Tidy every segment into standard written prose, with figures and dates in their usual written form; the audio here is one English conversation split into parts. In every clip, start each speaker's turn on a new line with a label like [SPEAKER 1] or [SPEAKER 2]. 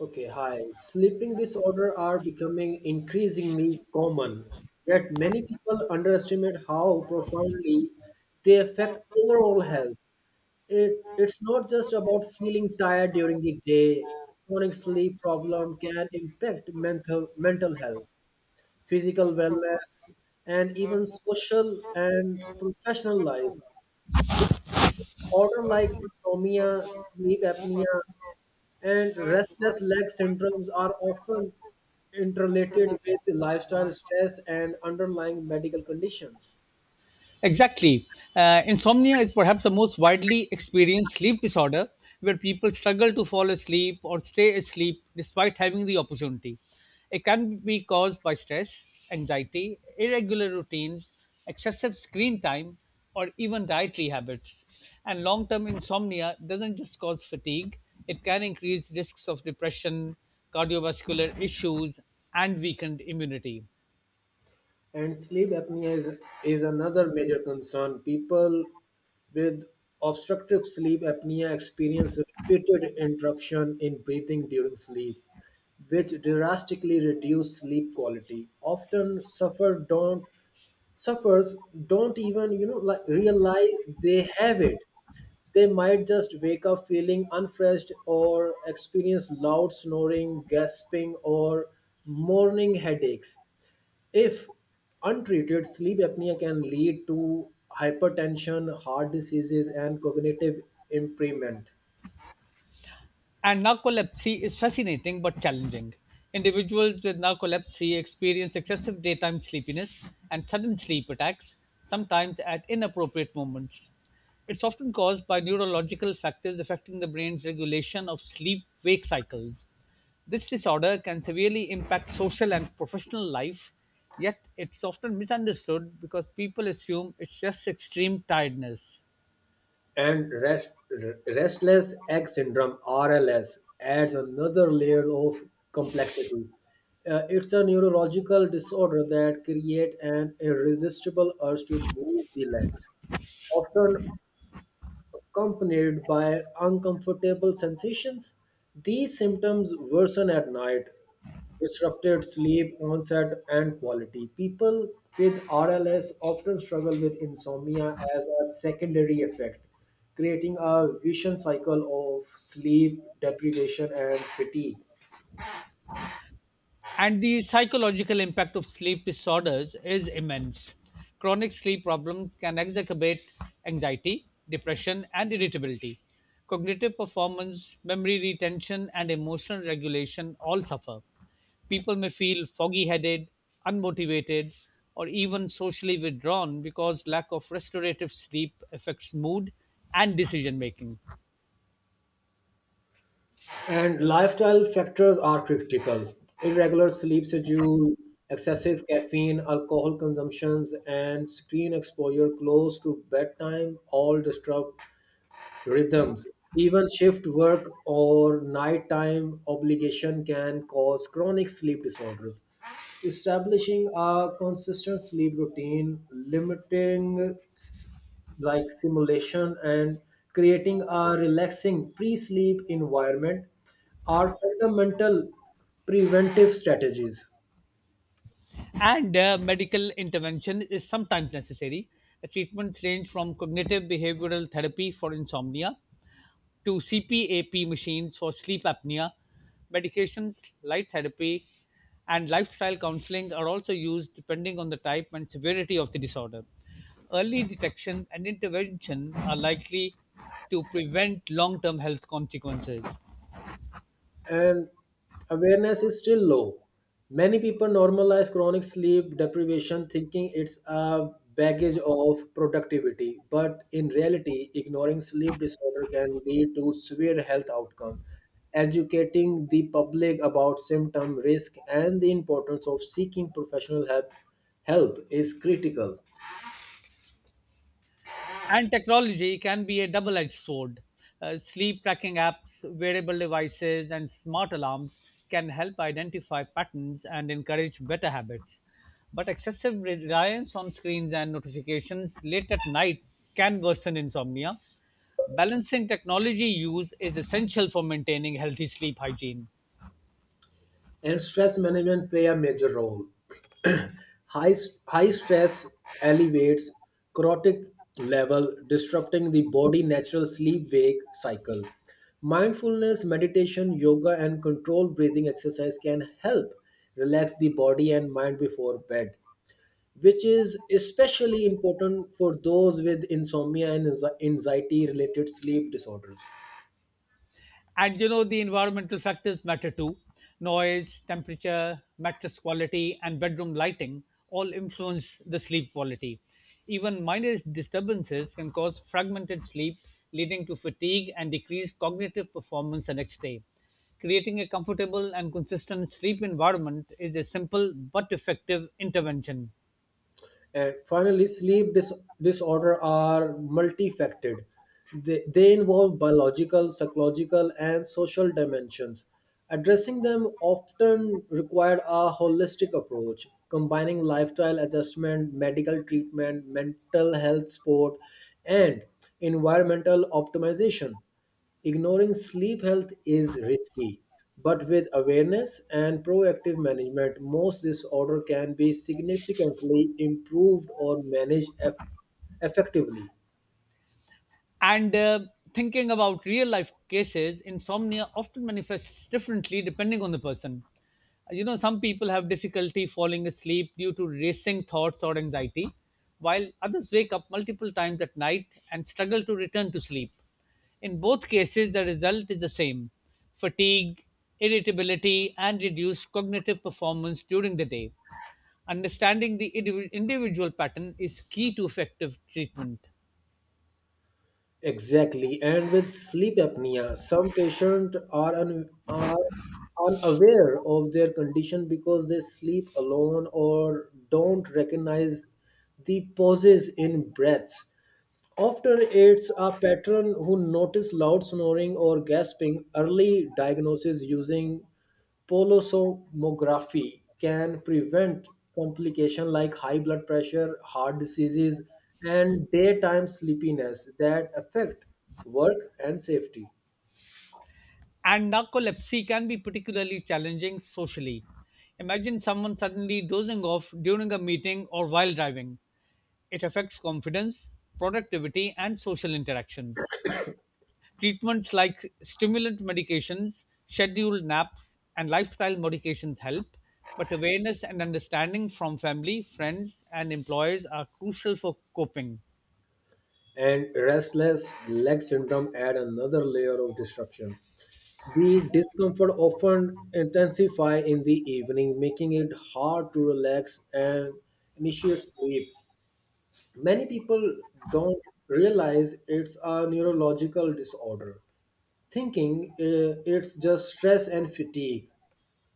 [SPEAKER 1] Okay, hi. Sleeping disorder are becoming increasingly common, yet many people underestimate how profoundly they affect overall health. It's not just about feeling tired during the day. Chronic sleep problem can impact mental health, physical wellness, and even social and professional life. Order like insomnia, sleep apnea, and restless leg syndromes are often interrelated with lifestyle stress and underlying medical conditions.
[SPEAKER 2] Exactly. Insomnia is perhaps the most widely experienced sleep disorder where people struggle to fall asleep or stay asleep despite having the opportunity. It can be caused by stress, anxiety, irregular routines, excessive screen time, or even dietary habits. And long term insomnia doesn't just cause fatigue, it can increase risks of depression, cardiovascular issues, and weakened immunity.
[SPEAKER 1] And sleep apnea is another major concern. People with obstructive sleep apnea experience repeated interruption in breathing during sleep, which drastically reduce sleep quality. Often suffers don't even like realize they have it. They might just wake up feeling unfreshed or experience loud snoring, gasping, or morning headaches. If untreated, sleep apnea can lead to hypertension, heart diseases, and cognitive impairment.
[SPEAKER 2] And narcolepsy is fascinating but challenging. Individuals with narcolepsy experience excessive daytime sleepiness and sudden sleep attacks, sometimes at inappropriate moments. It's often caused by neurological factors affecting the brain's regulation of sleep wake cycles. This disorder can severely impact social and professional life, yet, it's often misunderstood because people assume it's just extreme tiredness.
[SPEAKER 1] And rest, Restless leg syndrome (RLS) adds another layer of complexity. It's a neurological disorder that creates an irresistible urge to move the legs, often accompanied by uncomfortable sensations. These symptoms worsen at night, disrupted sleep, onset, and quality. People with RLS often struggle with insomnia as a secondary effect, creating a vicious cycle of sleep deprivation and fatigue.
[SPEAKER 2] And the psychological impact of sleep disorders is immense. Chronic sleep problems can exacerbate anxiety, depression, and irritability. Cognitive performance, memory retention, and emotional regulation all suffer. People may feel foggy headed, unmotivated, or even socially withdrawn because lack of restorative sleep affects mood and decision making.
[SPEAKER 1] And lifestyle factors are critical. Irregular sleep schedule, excessive caffeine, alcohol consumptions, and screen exposure close to bedtime all disrupt rhythms. Even shift work or nighttime obligation can cause chronic sleep disorders. Establishing a consistent sleep routine, like simulation, and creating a relaxing pre sleep environment are fundamental preventive strategies.
[SPEAKER 2] And medical intervention is sometimes necessary. The treatments range from cognitive behavioral therapy for insomnia to CPAP machines for sleep apnea. Medications, light therapy, and lifestyle counseling are also used depending on the type and severity of the disorder. Early detection and intervention are likely to prevent long term health consequences.
[SPEAKER 1] And awareness is still low. Many people normalize chronic sleep deprivation thinking it's a baggage of productivity, but in reality, ignoring sleep disorder can lead to severe health outcome. Educating the public about symptom risk and the importance of seeking help is critical.
[SPEAKER 2] And technology can be a double edged sword. Sleep tracking apps, wearable devices, and smart alarms can help identify patterns and encourage better habits. But excessive reliance on screens and notifications late at night can worsen insomnia. Balancing technology use is essential for maintaining healthy sleep hygiene.
[SPEAKER 1] And stress management play a major role. high, High stress elevates cortisol level, disrupting the body natural sleep-wake cycle. Mindfulness, meditation, yoga, and controlled breathing exercise can help relax the body and mind before bed, which is especially important for those with insomnia and anxiety related sleep disorders.
[SPEAKER 2] And you know the environmental factors matter too, noise, temperature, mattress quality, and bedroom lighting all influence the sleep quality. Even minor disturbances can cause fragmented sleep, leading to fatigue and decreased cognitive performance the next day. Creating a comfortable and consistent sleep environment is a simple but effective intervention.
[SPEAKER 1] And finally, disorder are multifaceted. They involve biological, psychological, and social dimensions. Addressing them often required a holistic approach, combining lifestyle adjustment, medical treatment, mental health support, and environmental optimization. Ignoring sleep health is risky, but with awareness and proactive management, most disorder can be significantly improved or effectively.
[SPEAKER 2] And thinking about real life cases, insomnia often manifests differently depending on the person. You know, some people have difficulty falling asleep due to racing thoughts or anxiety, while others wake up multiple times at night and struggle to return to sleep. In both cases, the result is the same: fatigue, irritability, and reduced cognitive performance during the day. Understanding the individual pattern is key to effective treatment.
[SPEAKER 1] Exactly, and with sleep apnea, some are unaware of their condition because they sleep alone or don't recognize the pauses in breaths. Often it's a patron who notice loud snoring or gasping. Early diagnosis using polysomnography can prevent complication like high blood pressure, heart diseases, and daytime sleepiness that affect work and safety.
[SPEAKER 2] And narcolepsy can be particularly challenging socially. Imagine someone suddenly dozing off during a meeting or while driving. It affects confidence, productivity, and social interactions. Treatments like stimulant medications, scheduled naps, and lifestyle modifications help, but awareness and understanding from family, friends, and employers are crucial for coping.
[SPEAKER 1] And restless leg syndrome add another layer of disruption. The discomfort often intensify in the evening, making it hard to relax and initiate sleep. Many people don't realize it's a neurological disorder, thinking it's just stress and fatigue.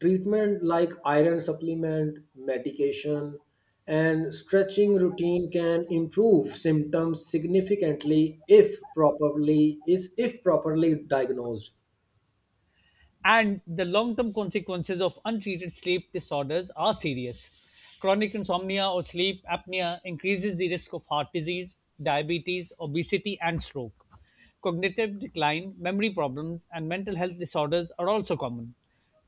[SPEAKER 1] Treatment like iron supplement, medication, and stretching routine can improve symptoms significantly if properly is if properly diagnosed.
[SPEAKER 2] And the long term consequences of untreated sleep disorders are serious. Chronic insomnia or sleep apnea increases the risk of heart disease, diabetes, obesity, and stroke. Cognitive decline, memory problems, and mental health disorders are also common.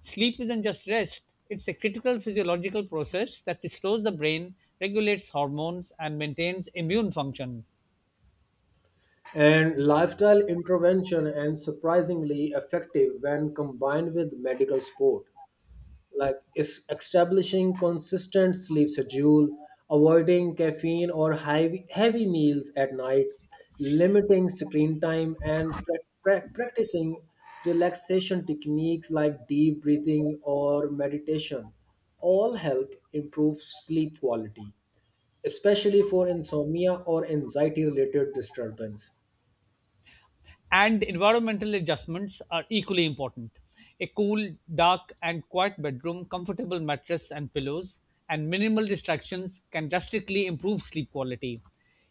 [SPEAKER 2] Sleep isn't just rest, it's a critical physiological process that restores the brain, regulates hormones, and maintains immune function.
[SPEAKER 1] And lifestyle intervention and surprisingly effective when combined with medical support. Like is establishing consistent sleep schedule, avoiding caffeine or heavy meals at night, limiting screen time, and practicing relaxation techniques like deep breathing or meditation all help improve sleep quality, especially for insomnia or anxiety related disturbance.
[SPEAKER 2] And environmental adjustments are equally important. A cool, dark, and quiet bedroom, comfortable mattress and pillows, and minimal distractions can drastically improve sleep quality.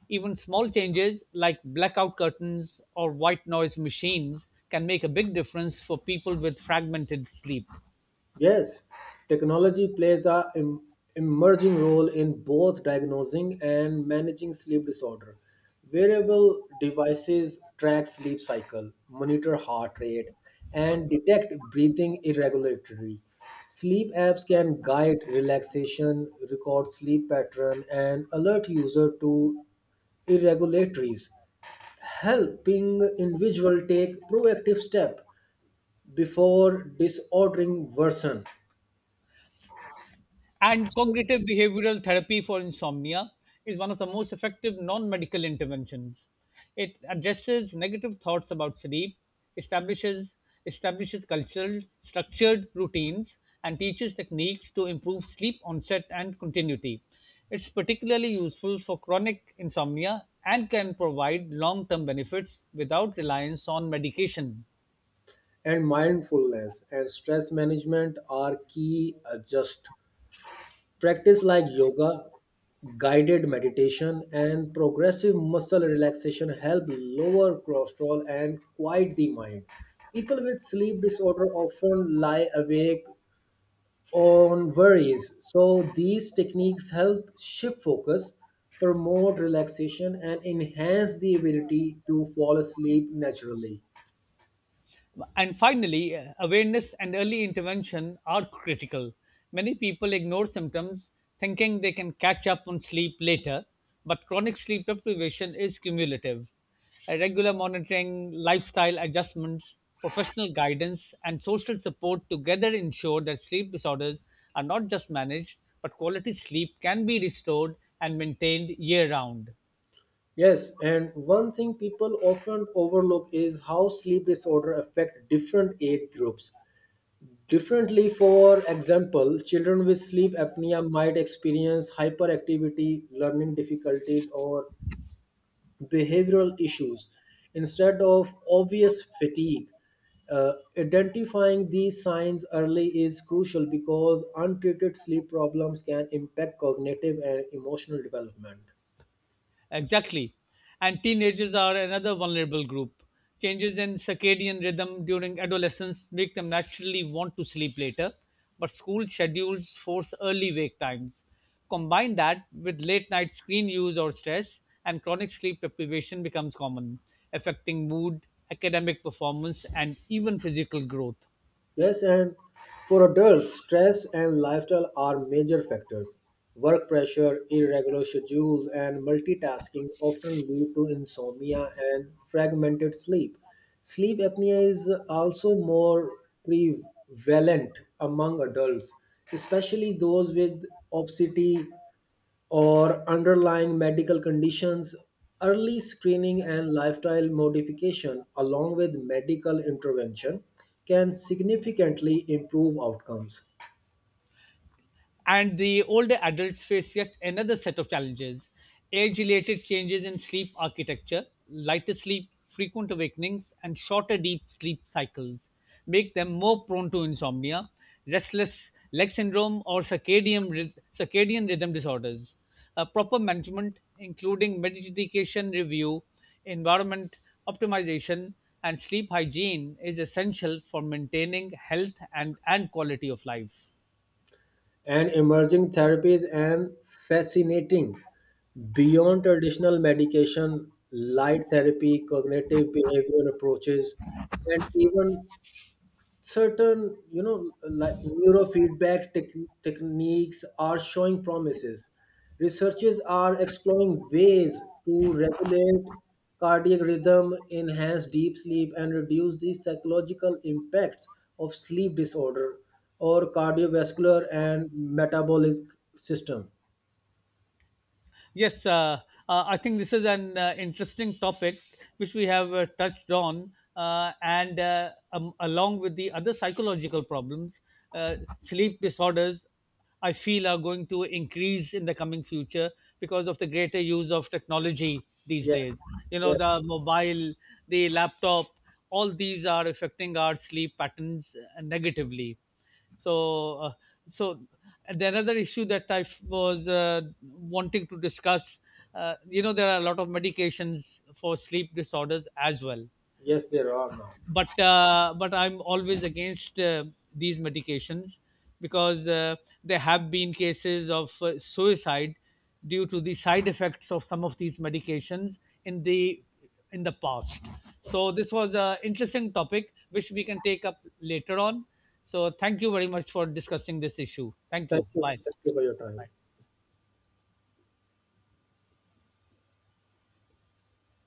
[SPEAKER 2] Even small changes like blackout curtains or white noise machines can make a big difference for people with fragmented sleep.
[SPEAKER 1] Yes, technology plays emerging role in both diagnosing and managing sleep disorder. Wearable devices track sleep cycle, monitor heart rate, and detect breathing irregularity. Sleep apps can guide relaxation, record sleep pattern, and alert user to irregularities, helping individual take proactive step before disordering worsen.
[SPEAKER 2] And cognitive behavioral therapy for insomnia is one of the most effective non medical interventions. It addresses negative thoughts about sleep, establishes, establishes cultural, structured routines, and teaches techniques to improve sleep onset and continuity. It's particularly useful for chronic insomnia and can provide long term benefits without reliance on medication.
[SPEAKER 1] And mindfulness and stress management are key. Just practice like yoga, guided meditation, and progressive muscle relaxation help lower cholesterol and quiet the mind. People with sleep disorder often lie awake on worries, so these techniques help shift focus, promote relaxation, and enhance the ability to fall asleep naturally.
[SPEAKER 2] And finally, awareness and early intervention are critical. Many people ignore symptoms thinking they can catch up on sleep later, but chronic sleep deprivation is cumulative. Regular monitoring, lifestyle adjustments, professional guidance, and social support together ensure that sleep disorders are not just managed, but quality sleep can be restored and maintained year round.
[SPEAKER 1] Yes, and one thing people often overlook is how sleep disorder affect different age groups. Differently, for example, children with sleep apnea might experience hyperactivity, learning difficulties, or behavioral issues instead of obvious fatigue. Identifying these signs early is crucial because untreated sleep problems can impact cognitive and emotional development.
[SPEAKER 2] Exactly. And teenagers are another vulnerable group. Changes in circadian rhythm during adolescence make them naturally want to sleep later, but school schedules force early wake times. Combine that with late night screen use or stress, and chronic sleep deprivation becomes common, affecting mood, academic performance, and even physical growth.
[SPEAKER 1] Yes, and for adults, stress and lifestyle are major factors. Work pressure, irregular schedules, and multitasking often lead to insomnia and fragmented sleep. Sleep apnea is also more prevalent among adults, especially those with obesity, or underlying medical conditions. Early screening and lifestyle modification, along with medical intervention, can significantly improve outcomes.
[SPEAKER 2] And the older adults face yet another set of challenges: age related changes in sleep architecture, lighter sleep, frequent awakenings, and shorter deep sleep cycles make them more prone to insomnia, restless leg syndrome, or circadian rhythm disorders. Proper management, including medication review, environment optimization, and sleep hygiene, is essential for maintaining health and quality of life.
[SPEAKER 1] And emerging therapies and fascinating beyond traditional medication, light therapy, cognitive behavioral approaches, and even certain neurofeedback techniques are showing promises. Researchers are exploring ways to regulate cardiac rhythm, enhance deep sleep, and reduce the psychological impacts of sleep disorder or cardiovascular and metabolic system.
[SPEAKER 2] Yes, uh, I think this is an interesting topic which we have touched on, and along with the other psychological problems, sleep disorders, I feel, are going to increase in the coming future because of the greater use of technology these days.
[SPEAKER 1] Yes.
[SPEAKER 2] You know,
[SPEAKER 1] Yes.
[SPEAKER 2] the mobile, the laptop, all these are affecting our sleep patterns negatively, so uh, so and the another issue that I was wanting to discuss, you know, there are a lot of medications for sleep disorders as well,
[SPEAKER 1] Yes, there are now.
[SPEAKER 2] but I'm always against these medications, because there have been cases of suicide due to the side effects of some of these medications in the in the past. So this was an interesting topic which we can take up later on. So thank you very much for discussing this issue. Thank
[SPEAKER 1] Thank
[SPEAKER 2] you.
[SPEAKER 1] you.
[SPEAKER 2] Bye.
[SPEAKER 1] Thank you for your time.